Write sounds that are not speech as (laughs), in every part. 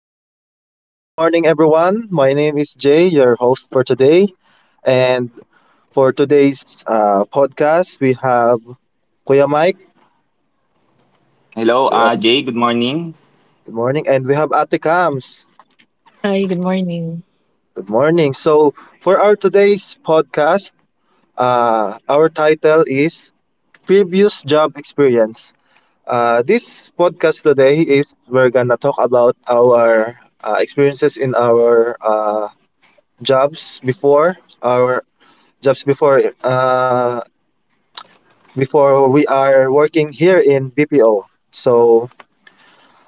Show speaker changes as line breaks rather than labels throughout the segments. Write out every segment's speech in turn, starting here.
day and good morning, everyone. My name is Jay, your host for today. And for today's podcast, we have Kuya Mike.
Hello,
We have,
Jay. Good morning.
Good morning. And we have Ate Kams.
Hi, good morning.
Good morning. So, for our today's podcast, our title is Previous Job Experience. This podcast today is we're gonna talk about our experiences in our jobs before jobs before uh, before we are working here in BPO. So,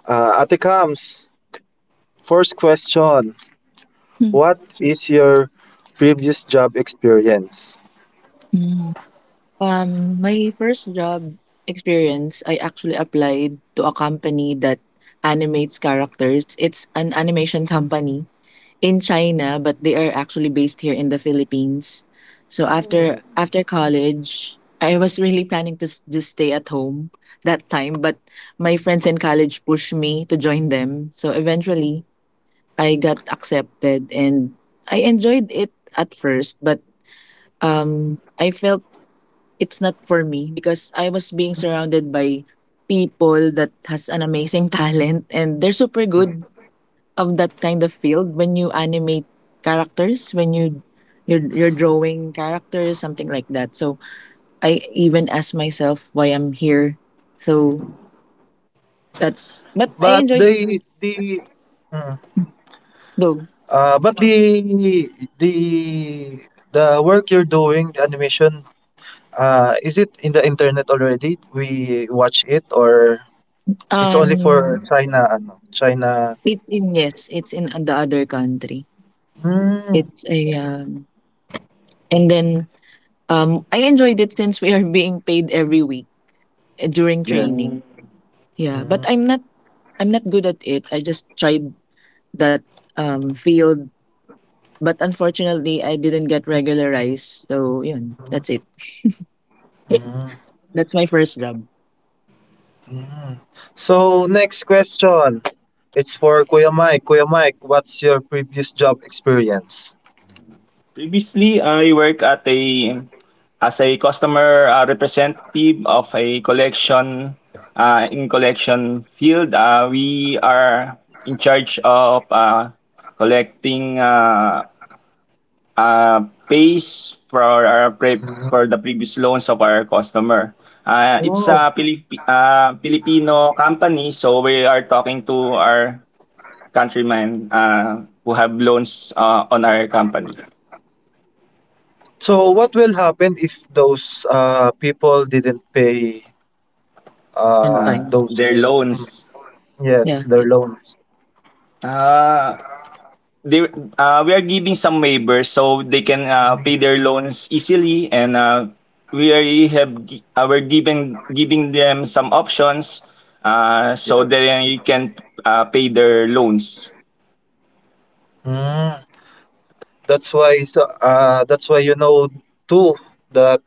Ate Kams, first question:
Hmm. Mm.
What
Sure.
is your previous job experience?
Mm. My first job experience, I actually applied to a company that animates characters. It's an animation company in China, but they are actually based here in the Philippines. So after college, I was really planning to just stay at home that time, but my friends in college pushed me to join them. So eventually, I got accepted and I enjoyed it at first, but I felt it's not for me because I was being surrounded by people that has an amazing (laughs) talent and they're super good of that kind of field when you animate characters when you're drawing characters something like that so I even asked myself why I'm here so that's but I
But
enjoyed it though
uh, but the the the work you're doing, the animation, is it in the internet already? We watch it, or it's only
um
for China? Ano, China?
it in yes it's in the other country
Hmm.
it's a and then I enjoyed it since we are (laughs) being paid every week eh, during
Yeah.
training. Yeah, but
Hmm.
I'm not good at it. I just tried that field, but unfortunately, I didn't get regularized. So yun, that's it. (laughs)
Mm,
That's my first job.
mm. So, next question. It's for Kuya Mike. Kuya Mike, what's your previous job experience?
Previously, I work at a as a customer representative of a collection in collection field. We are in charge of collecting pays for our
Mm.
for the previous loans of our customer. It's
Oh.
a Filipino company, so we are talking to our countrymen who have loans on our company.
So, what will happen if those people didn't pay
On time.
those?
Their
Mm,
loans.
Yeah.
yes, their loans.
Uh, they, we are giving some waivers so they can pay their loans easily, and we already we're giving them some options
Yeah.
so that they can pay their loans.
Mm, that's why too that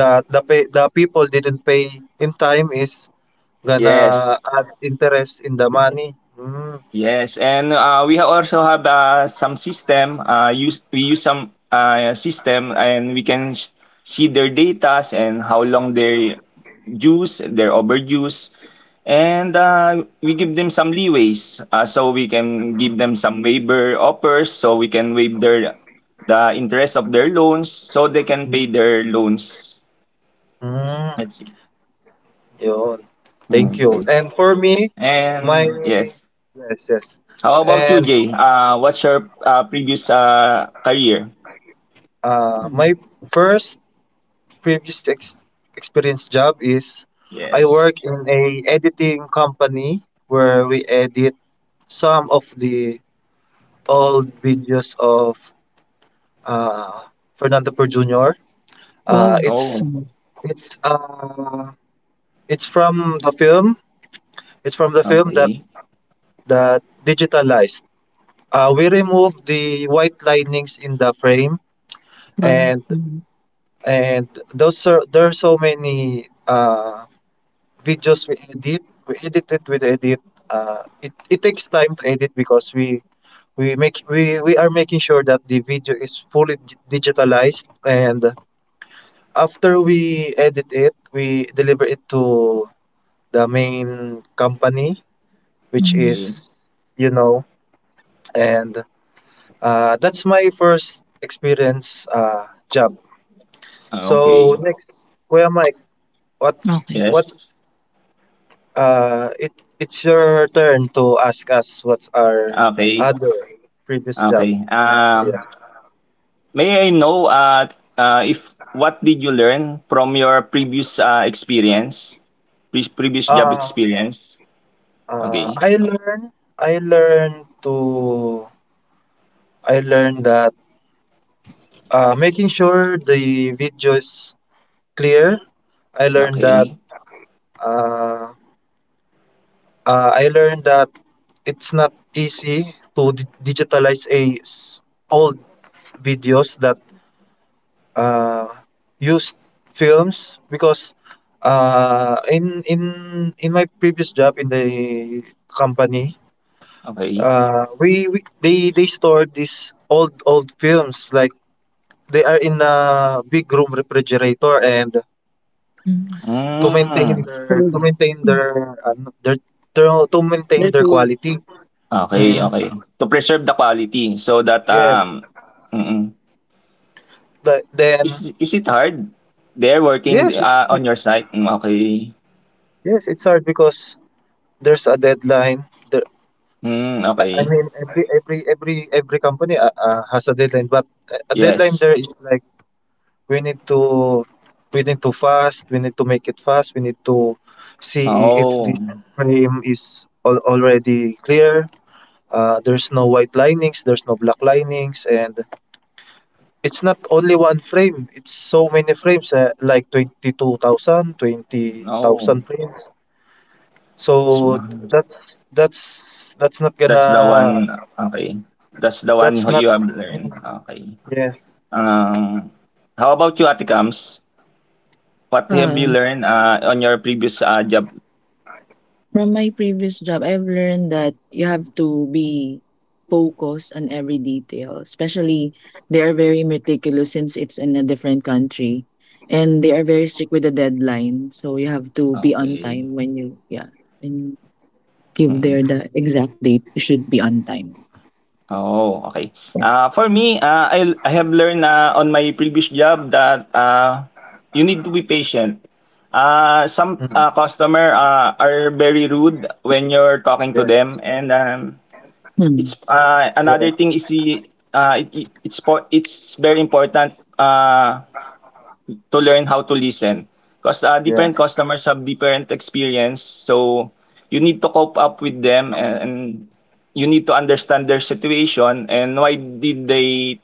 the the people didn't pay in time is
Yes.
gonna add interest in the money. Mm.
Yes, and we also have some system. Use we use some system, and we can see their datas and how long they use, their overuse, and we give them some leeways. So we can give them some waiver offers, so we can waive their the interest of their loans, so they can pay their loans.
Mm,
That's it.
yun. Thank
Mm,
you.
okay,
And for me, my
and yes.
yes, yes.
How about you,
And
Jay? What's your previous career?
my first previous ex experience job is I
Yes.
work in a editing company where we edit some of the old videos of uh, Fernando Per Jr. Uh,
Wow.
it's
Oh,
Hmm.
it's uh, it's from the film It's from the film that
okay.
digitalized. We removed the white linings in the frame,
Parang
and
mhm,
those are there are so many videos we edit. We edit it with edit. It takes time to edit because we are making sure that the video is fully digitalized, and after we edit it we deliver it to the main company, which
mhm,
Okay.
is, you know and that's my first experience job.
Ah,
So
okay.
next, Kuya Mike, what
okey,
what
Yes.
it it's your turn to ask us what's our
Okay.
other previous job.
Okay.
Yeah.
May I know if what did you learn from your previous experience, previous job
Uh,
experience?
uh
Okay.
I learn I learn to I learned that making sure the video is clear. I learned that
Okay.
uh Uh, I learned that it's not easy to digitalize a old videos that uh, used films because uh, in in in my previous job in the company,
Okay.
we they stored these old films like they are in a big room refrigerator, and
hmm.
to maintain
Mm.
their to
Hmm.
maintain
Hmm.
their their to maintain
The
their
tools,
quality.
Okay.
Mhm.
equality.
Okay. To preserve the quality so that
Yes.
um. Mm, mm.
Then
Is it hard? They're working
yes, it's hard.
on your site? Hmm, okay.
Yes, it's hard because there's a deadline. There,
Hmm,
I
okay.
mean, every company, has a deadline, but a deadline
Yes.
there is like we need to we need to fast. We need to make it fast. We need to see if this
Oh,
frame is already clear. There's no white linings. There's no black linings, and it's not only one frame, it's so many frames, like 22,000, twenty
oh.
thousand frames. So
Sma-.
that, that's not
That's
gonna,
the one, okay. That's the one
that's
who
not.
you have learned, okay.
Yes.
Um, how about you, Ate Kams? What have you
Um.
learned, on your previous, job?
From my previous job, I've learned that you have to be focused on every detail, especially they are very meticulous since it's in a different country, and they are very strict with the deadline, so you have to be on
Okay.
time when you yeah, when you give their the exact date, you should be on time.
Oh, okay.
Yeah.
Ah, for me, ah, I have learned na on my previous job that ah, you need to be patient. Ah,
Mm.
some ah, customer ah, are very rude when you're
Yeah.
talking to them, and
Hmm,
it's ah,
Yeah.
another thing is the ah, it's it's very important. Ah, to learn how to listen because different
Yes.
customers have different experience so you need to cope up with them, and you need to understand their situation and why did they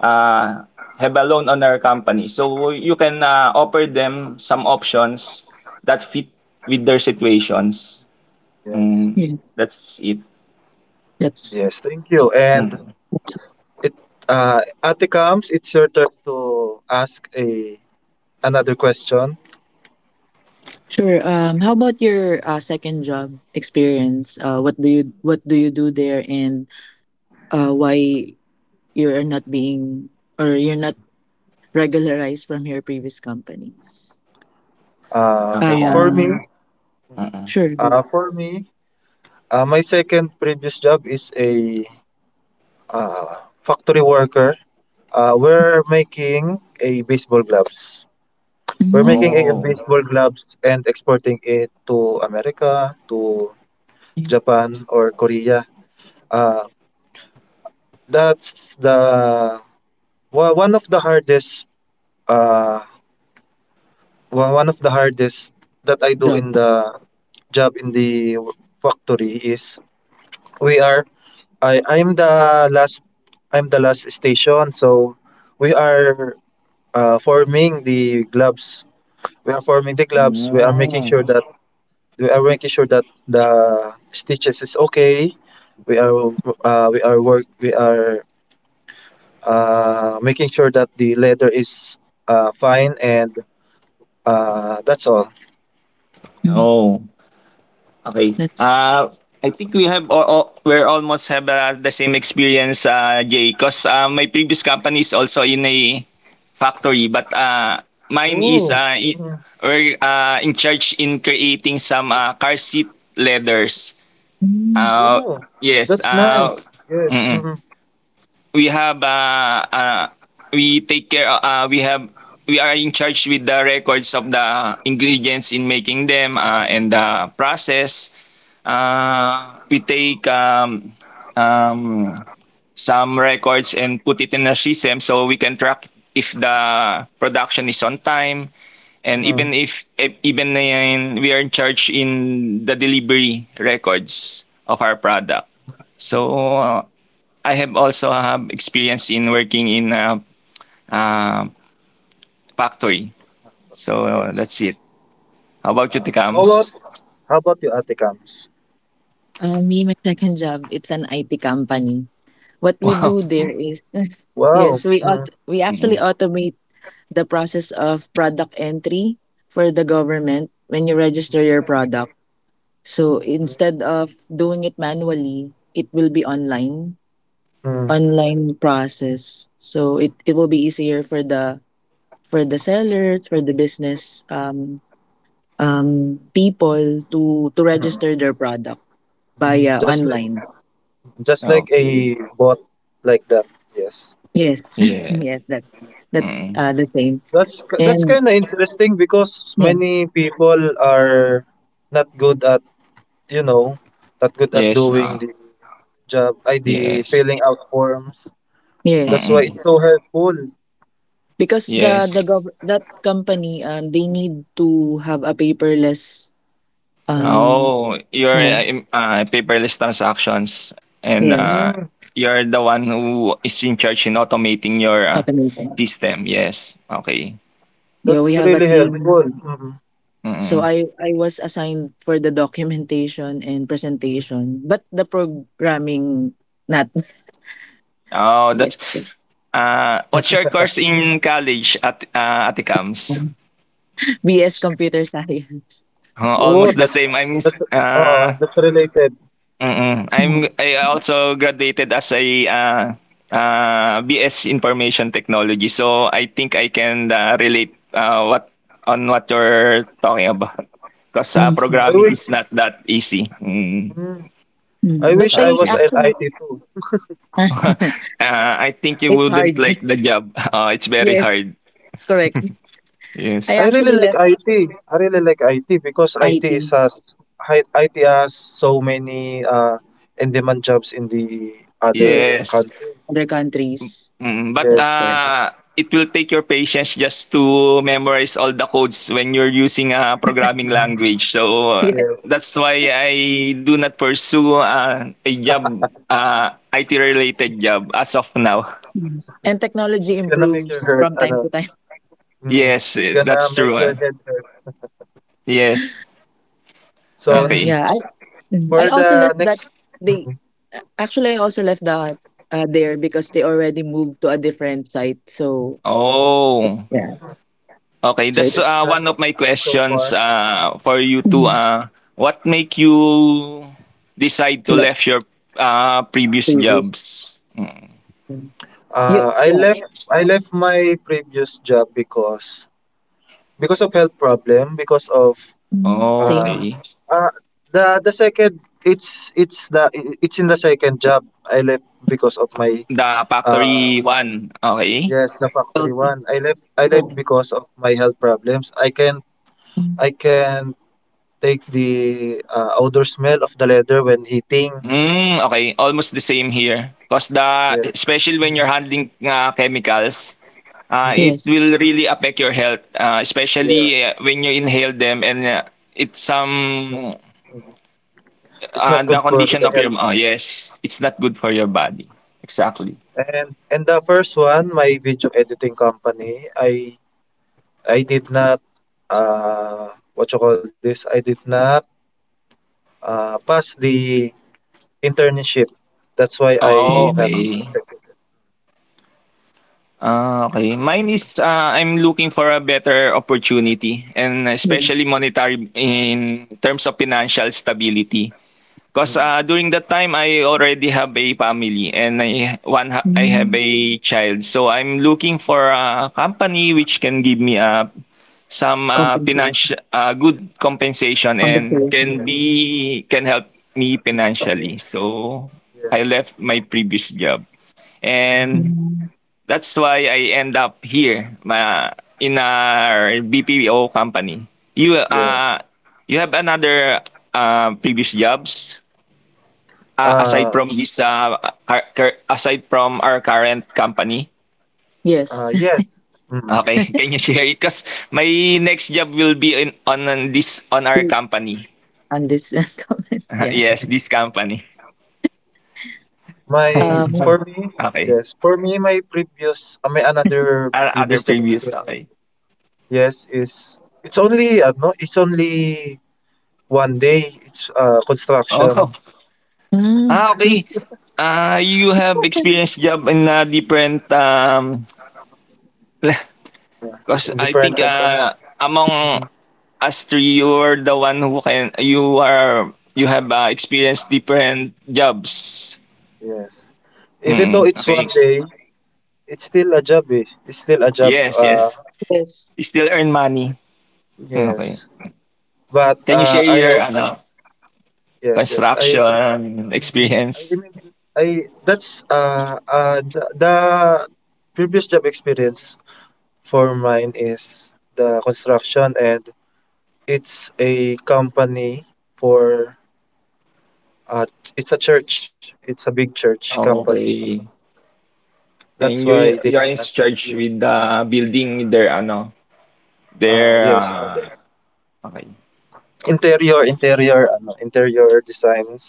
uh, have a loan on our company so you can offer them some options that fit with their situations.
Yes.
Mm,
yeah,
that's it.
that's.
Yes. Thank you. And
Mm.
it Ate Kams, it's your turn to ask a another question.
Sure. How about your second job experience? What do you do there, and why you're not being or you're not regularized from your previous companies?
Uh
Okay.
for me,
Um,
Uh-uh.
sure. Go.
for me, my second previous job is a factory worker. We're making a baseball gloves. We're
Mhm.
making a
Oh.
baseball gloves and exporting it to America, to
Yes,
Japan or Korea. Uh, that's the one of the hardest uh, wa- one of the hardest that I do
job.
in the job, in the factory is we are I'm the last station, so we are forming the gloves. We are forming the gloves. We are making
Mm.
sure that the stitches is okay. We are we are making sure that the leather is fine, and that's all.
Mm,
Oh. Okay.
that's
I think we have we're almost have the same experience, Jay, because my previous company is also in a factory, but mine is
Oh, mm,
we're in charge in creating some car seat leathers.
mm.
Uh,
oh,
yes.
that's nice.
Mm-mm.
Mm,
We have we take care. We have we are in charge with the records of the ingredients in making them and the process we take um, some records and put it in a system so we can track if the production is on time, and
mm.
even if we are in charge in the delivery records of our product. So I have also have experience in working in a, uh factory. So
Yes.
that's it. How about you,
How about
tikams?
your Ate Kams?
Me. My second job. It's an IT company. What
(laughs)
we
wow.
do there is (laughs)
Wow.
yes,
Mm,
we actually
Mm-mm.
automate the process of product entry for the government when you register your product. So instead of doing it manually, it will be online,
mm.
online process. So it will be easier for the sellers, for the business people to register their product via
Mm. Just like
online.
a
Okay.
bot like that. Yes,
Yes, (laughs)
Yeah.
yes, that that's
Mm-mm.
uh, the same.
that's that's
And
kind of interesting because
yeah,
many people are not good at you know not good at
Yes,
doing the job id
yes.
filling out forms. That's
yes,
why
Mm.
it's so helpful.
because
Yes.
that company they need to have a paperless
Mm.
um
Oh, you're
yeah
a paperless transactions, and
yes
Mm,
you're the one who is in charge in automating your
automation.
system. Yes. Okay.
Yeah, we
that's
have a
really
team.
helpful. Mm.
So
Mm.
I was assigned for the documentation and presentation, but the programming not (laughs)
Oh,
yet.
that's uh. What's your course in college at Aticams?
BS computer science.
Oh,
Almost the same. I mean,
that's that's related.
Mm.
(laughs)
I also graduated as a BS Information Technology. So I think I can relate what on what you're talking about. Because
Mhm. Mhm.
i
programming
wish
is not that easy. Mm.
mm, i
Mm. But
wish I
I
was
Okay.
an
actually
IT too.
(laughs) uh,
(laughs)
I think you
it's
wouldn't
hard.
like the job. (laughs) It's very
Yes,
hard.
correct.
(laughs)
I
Yes.
I really
actually
like
left
IT. I really like IT because IT is
IT.
has hi- IT has so many in-demand jobs in the
Yes,
other
Yes.
country.
other countries.
Mm, but,
That's
Yes.
correct. (laughs)
it will take your patience just to memorize all the codes when you're using a programming
Mhm.
language. So,
Yes.
Yeah.
that's why I do not pursue a job, IT related job as of now. (laughs)
Mm. And technology
It's gonna make your
improves
head
from time to
ano,
time. (laughs)
Yes,
it's
eh,
gonna
that's
make
true. Eh.
your head hurt.
Yes.
So
Okay.
Yeah, mm, I
for
also
the
left that
next,
they
mm,
actually I also left that there because they already moved to a different site. So
Oh.
yeah,
Okay,
so
that's
it's
it's done
one of my
so
questions
far.
for you to
mhm.
what make you decide to
le-
left your previous
Previous.
jobs? Mm.
Yeah, yeah,
I left my previous job because of health problem, because of
mm,
Oh,
Uh,
same.
okay.
uh, the second, it's in the second job I left because of my
The
uh
factory one, okay.
yes, the factory
Okay.
one, I left
Okay.
because of my health problems. I
Mm,
can take the odor smell of the leather when heating.
Hmm, okay. Almost the same here. Because the,
Yeah.
especially when you're handling chemicals,
Mm.
it
yes.
will really affect your health,
Yeah,
especially when you inhale them, and it's
it's not,
some,
it's not
the
good for
condition
the
of your,
health.
oh, yes, it's not good for your body. Exactly.
And the first one, my video editing company, I did not, what you call this, I did not, pass the internship. That's why
Oh,
I not
Mm,
okay.
accepted it.
Ah, okay. Mine is ah, I'm looking for a better opportunity and
yes.
especially monetary in terms of financial stability. Because
Mm.
during that time, I already have a family and I have
Mm,
a child. So I'm looking for a company which can give me a some
compensation.
financial good compensation and
Compensation.
Yes.
can help me
Yeah.
financially. So
Yes.
I left my previous job,
Mm.
and
Mm.
that's why I end up here ma in our BPO company. You
Yes.
you have another previous jobs aside
Uh,
from this aside from our current company.
Yes.
yes. Mm.
Okay, (laughs) can you share it? Cause my next job will be in on this on our
(laughs)
company.
And this (laughs) comment,
(laughs)
yeah.
yes, this company.
My
Um.
For
(laughs)
me,
okay.
yes. For me, my another
Other
previous job
previous.
experience,
Okay.
yes, is, it's only no, it's only one day. It's construction,
Oh.
Mm,
Ah, okay. Ah, you have
(laughs)
experienced job in a different (laughs)
yeah,
'cause
in
I
different
think
company.
among
Mm.
us three you are the one who can you are you have experienced different jobs.
Yes. Even though
Hmm,
it's one
okay.
day, it's still a job, eh. It's still a job.
Yes, yes.
yes.
You still earn money. Mm, okay.
Yes, but
Can you share your
I
ano
yes, yes,
construction
I
experience?
remember. I That's the, previous job experience for mine is the construction, and it's a company, for uh, it's a church. It's a big church
Oh,
company.
okay.
That's
And
why they
you are in
uh,
charge with the building their ano their
yes,
okay.
interior designs.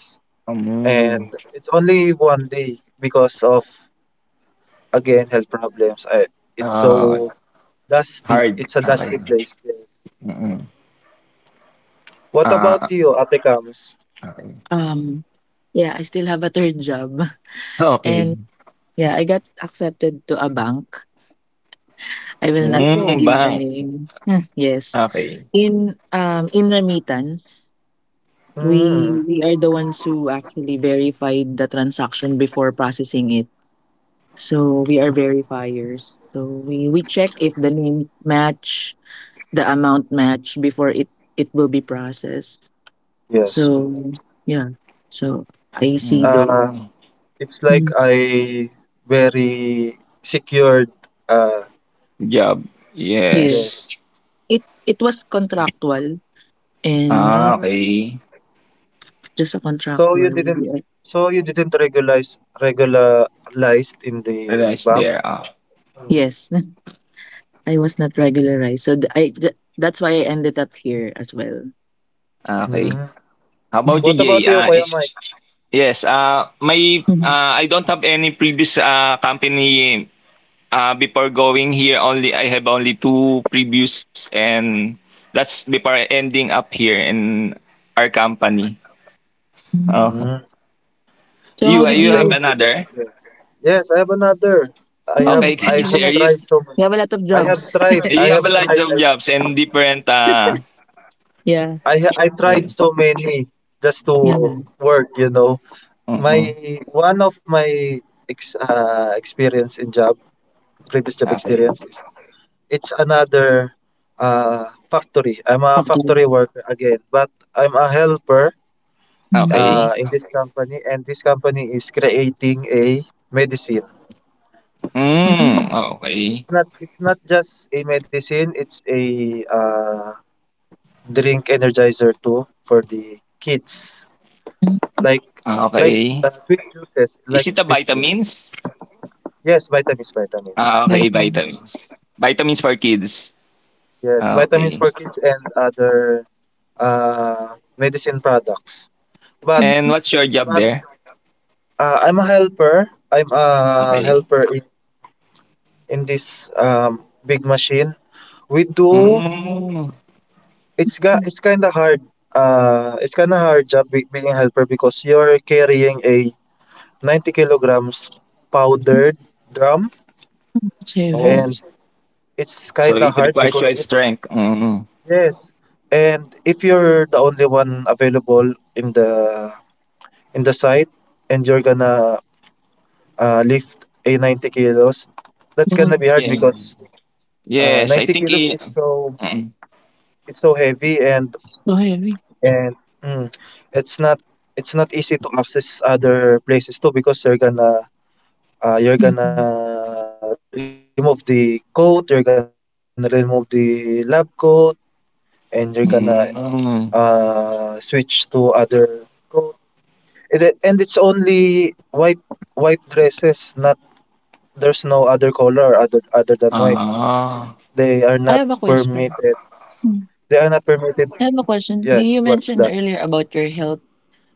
And
Um,
it's only one day because of, again, health problems. It's
ah,
so dusty.
hard,
It's a dusty
okay.
place. Yeah.
Mm,
What
ah,
about
ah,
you, Ate Kams?
okay.
Um. Yeah, I still have a third job. (laughs)
Okey.
And yeah, I got accepted to a bank. I will not
Oh,
Hmm,
give the
bank.
name. (laughs) Yes.
Okay.
In remittance,
mm,
we are the ones who actually verified the transaction before processing it. So we are verifiers. So we check if the name match, the amount match before it will be processed.
yes.
So yeah. So I
It's
see though.
uh,
Hmm,
it's like
Mm.
I very secured. Uh,
job,
Yeah.
yes.
yes.
It was contractual and
Ah,
Mm,
okay.
just a
so you
contractual.
didn't.
Yeah.
So you didn't regularized in the
Realize
bank.
there, ah,
Yes, (laughs) I was not regularized, so that's why I ended up here as well.
okay.
Mm.
How about you,
What
(laughs)
about
Jay?
you,
Ah,
Kuya
is
Mike?
yes, ah, my,
Mhm.
ah, I don't have any previous, ah, company, ah, before going here only I have only 2 previous, and that's before ending up here in our company. Oh, okay.
Mm.
So how
You,
did
you have
Thank
you?
you.
another?
Yes, I have another.
Oh,
Okay, (laughs)
I
can
you
you
have a
have
share
lot.
it?
tried so many.
You have a lot of
I have
jobs. (laughs)
tried. I
You have
have
a lot
tried.
of jobs and different,
Yeah,
I tried
yeah.
so many just to
yeah.
work. My
Mm-mm.
One of my experience in job, previous job
Okay.
experience is it's another factory. I'm a
Doctor.
factory worker again, but I'm a helper
Mm.
Okay.
in this company, and this company is creating a medicine.
Mm,
Oh,
okay.
It's not just a medicine, it's a uh, drink energizer too for the kids.
mm.
Like
Ah,
like
okay.
sweet juices, like
Is it a
sweet juice.
vitamins?
Yes, vitamins, vitamins.
Ah, okay,
Right. Mm,
vitamins. Vitamins for kids.
Yes,
Ah,
vitamins
okay.
for kids and other medicine products. But
And what's your job there?
I'm a helper. I'm a
Okay.
helper in this big machine. We do
Mm.
It's got.
mm,
It's kind of hard. It's kind of hard job being a helper because you're carrying a 90 kilograms
mm.
powdered drum,
It's
Oh,
heavy.
and it's
so
kind of
it
hard
requires
because
your
it
strength. Mm.
yes. And if you're the only one available in the site, and you're gonna lift a 90 kilos, that's
Wow,
gonna be hard
Yeah.
because
Yes, I
90
think
kilos is
it.
so
Mm.
it's so heavy. and
so heavy.
And mm, it's not it's not easy to access other places too because you're
Mm.
gonna remove the coat, you're gonna remove the lab coat, and you're gonna
Mm.
switch to other. And and it's only white white dresses. Not, there's no other color, other than white.
Ah.
They are
I
not
have a question.
permitted.
Mm.
They are not permitted.
I have a question. Do
Yes,
you
what's
mentioned
that?
earlier about your health?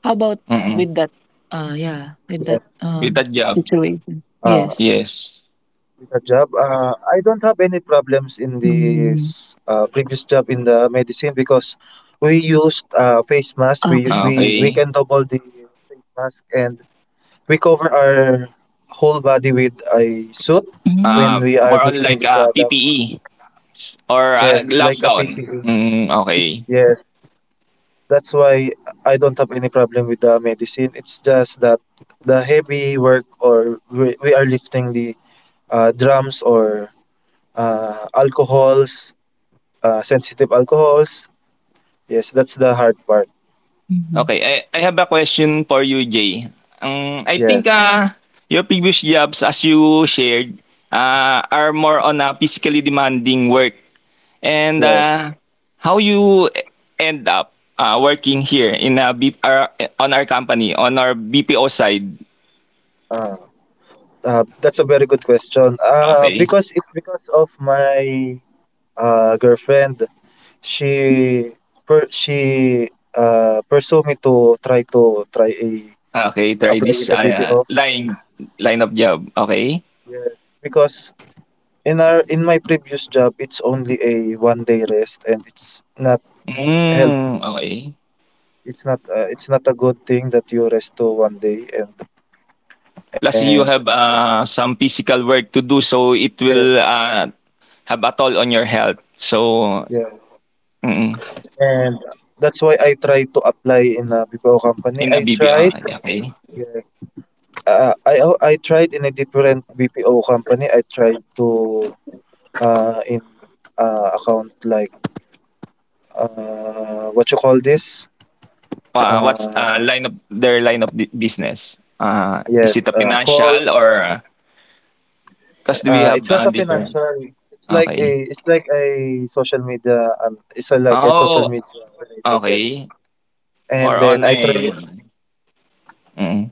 How about
Mm,
with that? Yeah, with
Yeah.
that
with that job,
situation.
uh,
Yes.
yes.
I don't have any problems in
Mm,
this previous job in the medicine because we used face mask. We
okay.
Ah,
we we
okay.
can double the face mask, and we cover our whole body with a suit
Mm,
when we
More
are
on like
mixing the product.
PPE or
Yes,
lab
like a
gown.
PPE.
Mm, okay.
Yes, that's why I don't have any problem with the medicine. It's just that the heavy work, or we are lifting the drums or alcohols, sensitive alcohols. Yes, that's the hard part.
mhm.
Okay, I have a question for you, Jay. I think
Yes,
your previous jobs, as you shared, are more on a physically demanding work. And
yes.
how you end up working here in a our, on our company, on our BPO side?
Uh, that's a very good question.
Okay.
Because it's because of my girlfriend. She per she pursue me to try, a
Ah, okey, try
apply
this,
in the BPO.
ah, line line of job, okay.
Yes. Because in my previous job, it's only a one day rest, and it's not healthy.
Hmm, okay.
It's not a good thing that you resto one day, and
Plus
and
you have, ah, some physical work to do so it will, ah, have a toll on your health. So mm,
and that's why I try to apply in a BPO company.
in a
I
BPO,
tried
ay okay.
uh, I I tried in a different BPO company. I tried to in account like, what you call this?
Ah, what's,
Uh
ah, line of their line of bu business? Ah, is
yes,
it a
call
financial or ah, 'cause we have,
it's not
ah,
a
different,
financial, it's like a,
okay.
it's like a social media, it's a, like a social
Oh,
media related, yes.
okay. More
And
on,
then I try
eh mm,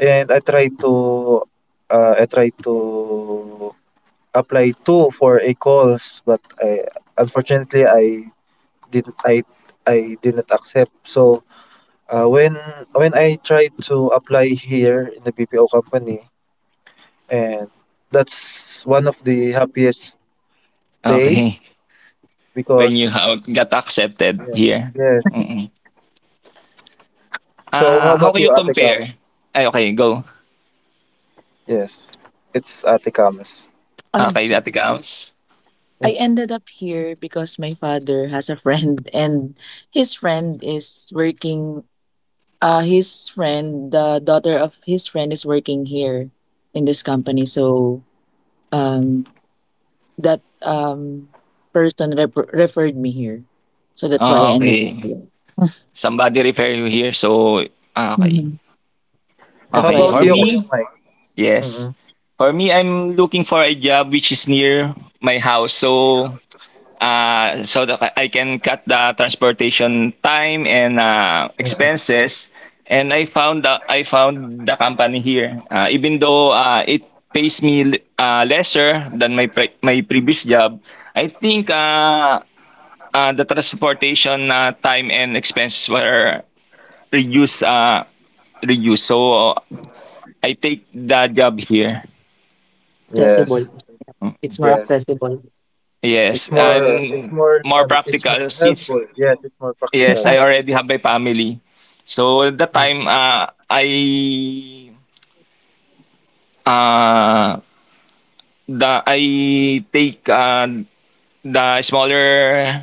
And I try to apply two for a calls, but I unfortunately didn't I I didn't accept. So uh, when when I tried to apply here in the BPO company, and that's one of the happiest day
okay. When you
because
got accepted here?
yeah.
Mm-mm.
So how
Ah, how
about
can
you,
you
Ate Cam?
compare? Ay, okay, go.
Yes, it's Ate Cam's.
Ah,
Oh,
okay, Ate
sorry.
Kams.
I
Mm.
ended up here because my father has a friend (laughs) and his friend is working his friend the daughter of his friend is working here in this company so um that person referred me here. So that's why I
Ah,
ended up
okay.
here. (laughs)
Somebody refer you here, so ah, okay.
Mhm.
How
That's why
Okay,
I
about
for
you,
ended up
Kuya
me,
Mike?
yes. For me, I'm looking for a job which is near my house. So, so that I can cut the transportation time and expenses. And I found I found the company here. Even though it pays me lesser than my previous job, I think the transportation time and expenses were reduced uh, reduced. So I take the job here.
accessible.
Yes,
Mm-hmm.
It's more
yes.
accessible.
Yes,
It's more, it's
and
more,
more
um, it's
practical
more
since
helpful. Yes, it's more
yes,
practical.
Yeah,
I already have my family. So at that
Mm,
time, I uh, the I take the smaller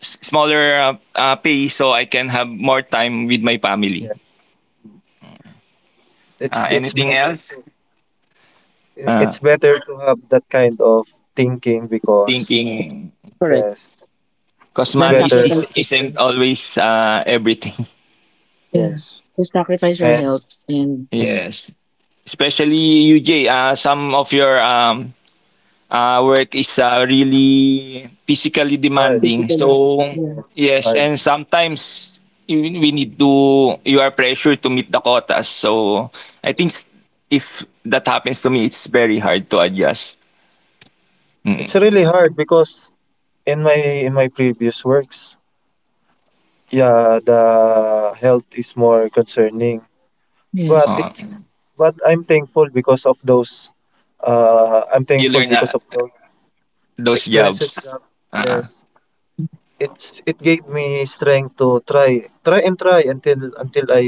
s- smaller pay so I can have more time with my family.
yeah, it's
Anything
better
else?
to,
Uh,
it's better to have that kind of thinking because
Thinking
correct.
yes,
because
it's
Than
money is,
sacrifice.
better.
isn't always everything.
Yeah.
Yes,
You sacrifice your
and
health and
(laughs)
mm,
yes, especially UJ. Some of your work is really physically
hard,
demanding.
physically.
So
Yeah.
yeah,
yes,
hard.
and sometimes we need to you are pressured to meet the quotas. So I think if that happens to me, it's very hard to adjust.
It's
Mm.
really hard because in my previous works, yeah, the health is more concerning. But
Yes.
Uh,
it's, but I'm thankful because of those. I'm
you
thankful
learn
because of those
those
experiences
jobs.
job,
Uh-uh.
yes. it's it gave me strength to try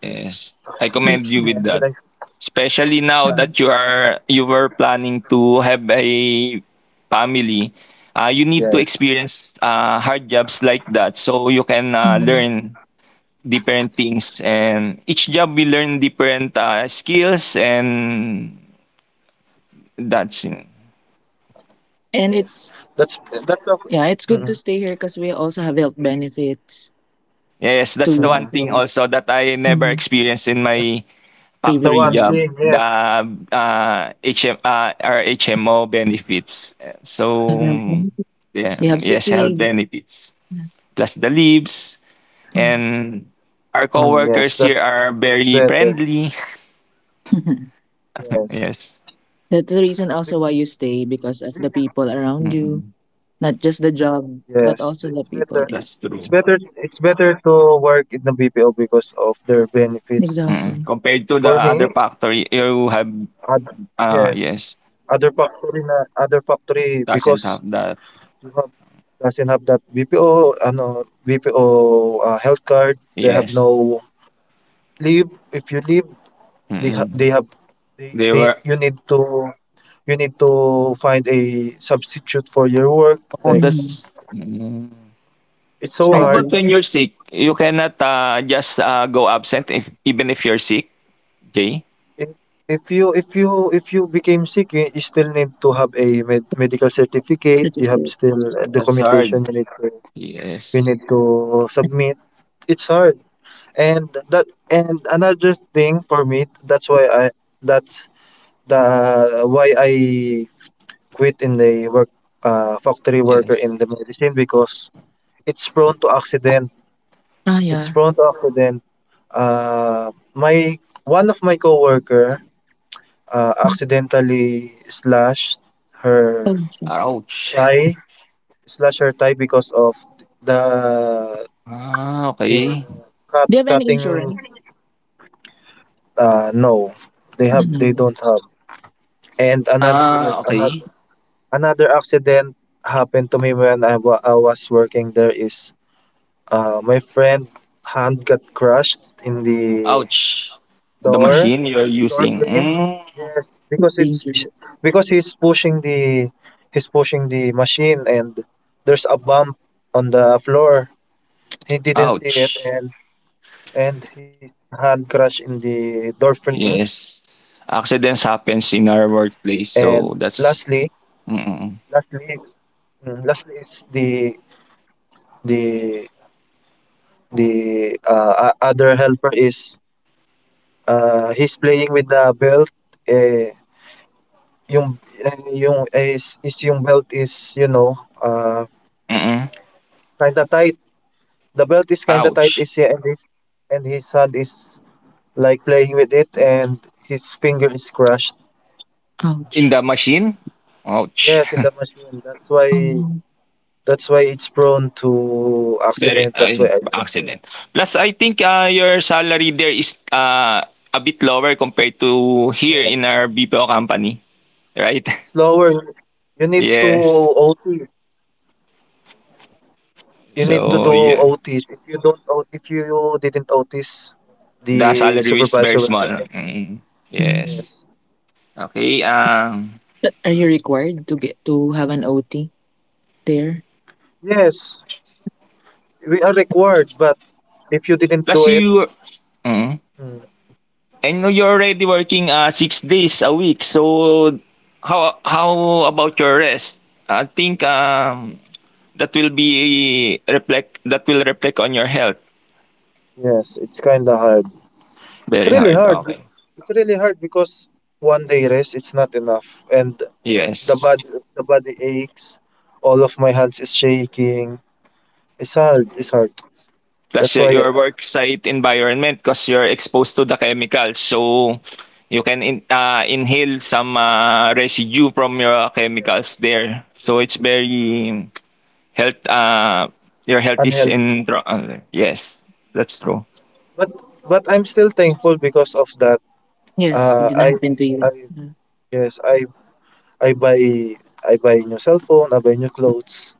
Yes, I commend you with that.
Literally.
until I
Especially now
Mm.
that you were planning to have a family, you need to
yes,
experience hard jobs like that so you can
Mhm.
learn different things. And each job we learn different skills and that's
yes,
And
that's
it's
that's the, mm,
yeah, it's good to stay here because we also have health benefits
yes,
mm,
that's the
too
one thing
for
also that I
that's the
never
mhm.
one thing,
experienced in
yes,
my
Previous
factory
jobs.
job, the our HMO benefits.
Have
So
health benefits. You
yeah,
have sick
yes, health
leave.
benefits
Yeah.
plus the leaves
Mm.
mm, yes,
and our
that's better,
coworkers here are very friendly.
yes.
(laughs)
(laughs) yes,
Be-
That's the reason also why you stay because of
mm,
the people around you,
mm,
not just the
yes, it's
job,
better,
but also the
it's better
people. Yeah.
that's
it's
true.
better to work in the BPO because of their benefits for
Mm.
Exactly.
me.
Compared to the
it,
other
it,
factory, you
ad-
have
yes, other
yes
factory na other factory because
doesn't have
you
that.
have doesn't have that BPO, ano, BPO, health card. They have no
Yes,
leave. If you leave, they ha- they have
mm-mm,
they
they
you
were.
need to, you need to find a substitute for your work. Like
Oh,
Mm-hmm.
that's.
it's so
It's
How
hard.
hard
about
to.
when you're sick? You cannot just go absent if, even if you're sick, Jay?
If if you became sick, you still need to have a medical certificate.
To take
You have
care.
still
That's
documentation
hard.
you need to, you
Yes.
need to submit. It's hard. And that, and another thing for me, that's why that's I quit in the work, factory worker in
Yes.
the medicine because it's prone to accident,
Ah,
it's
yeah.
prone to accident. Uh, my one of my coworker accidentally slashed her
Oh, shit.
Ouch.
thigh, slashed her thigh because of the,
Ah,
the
okay.
cut,
Do you have any
cutting.
insurance?
No, they
Ano?
don't have. And another
Ah, okay.
another accident happened to me when I I was working there is, my friend hand got crushed in the
Ouch. The
door,
Ah,
machine you're
door
using.
frame.
Mm,
Yes, because it's,
dangerous.
because he's pushing the machine and there's a bump on the floor. He didn't see it,
ouch.
and his hand crushed in the door frame.
Yes. Accidents
And
happens in our
lastly,
workplace, so that's
lastly,
mm-mm,
mm, lastly is The the other helper is, he's playing with the belt. Eh, yung eh, yung eh, is yung belt is, you know,
mm-mm.
kind of tight. The belt is kind of tight.
Ouch.
Is, and his hand is like playing with it, and his finger is crushed.
In
Ouch.
the machine? Ouch.
Yes, in the machine. That's
Oh,
why,
no.
that's why it's prone to
Very
accident. That's why I like.
excellent. Plus, I think your salary there is a bit lower compared to here in our
Yes,
BPO company, right? (laughs)
slower. You need to
yes.
OT. You need to do
Mhm,
So, yeah.
OTs. If you don't, if you didn't OTs,
The
the
salary is
supervisor
very
will get
small.
angry.
Mm,
mm.
Yes,
yes. Okay.
But are you required to get to have an OT there?
yes, we are required. But if you didn't
Plus,
do it,
you... Mm,
mm,
and you're already working 6 days a week. So, how about your rest? I think that will be reflect that will reflect on your health.
yes, it's kind of hard. It's
Very
really
hard.
hard.
Okay.
It's really hard because one day rest it's not enough, and the
Yes.
body the body aches. All of my hands is shaking. It's hard. It's hard.
Plus
That's why
your work site environment because you're exposed to the chemicals. So you can inhale some residue from your chemicals there. So it's very health your health is
unhealthy.
in yes, that's true.
But but I'm still thankful because of that.
Yes, it
Uh,
didn't
I
happen to you.
I
Yeah.
yes I I buy, I buy new cell phone, I buy new clothes.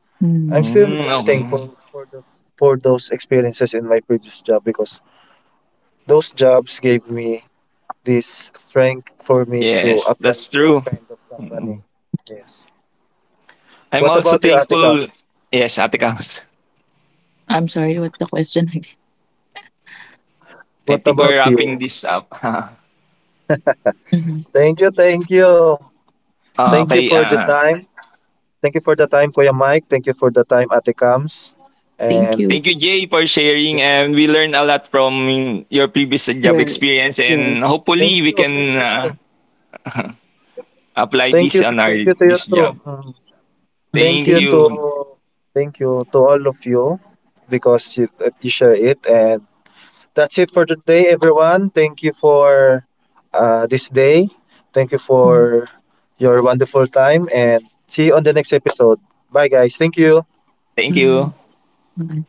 I'm
Mm.
still
Mm,
rooting for
okay.
for the, for those experiences in my previous job because those jobs gave me this strength for me to
Yes,
apply
that's
to this
true.
kind of company.
Mm.
Yes.
I'm
What
also
about you, Atika?
thankful. Yes, Ate Kams.
I'm sorry, what's the question again?
I
What
think we're
about you?
wrapping this up. (laughs)
Mhm,
Thank you, thank you. Thank you
mm.
for
okay,
the time. Thank you for the time, Kuya Mike. Thank you for the time, Ate Kams.
Thank
And
you.
thank you, Jay, for
thank you,
sharing. And we learned a lot from your previous job
Yeah.
experience. And
Yes.
hopefully, we
thank you
can
too.
(laughs) apply this on
Thank
our
you to you
this
too.
job.
Mm. Thank
Thank
you
Thank
to
you.
Thank you to all of you because you, that you share it. And that's it for today everyone. Thank you for this day. Thank you
mm,
for your wonderful time, and see you on the next episode. Bye guys. Thank you.
Thank
bye.
you.
Bye.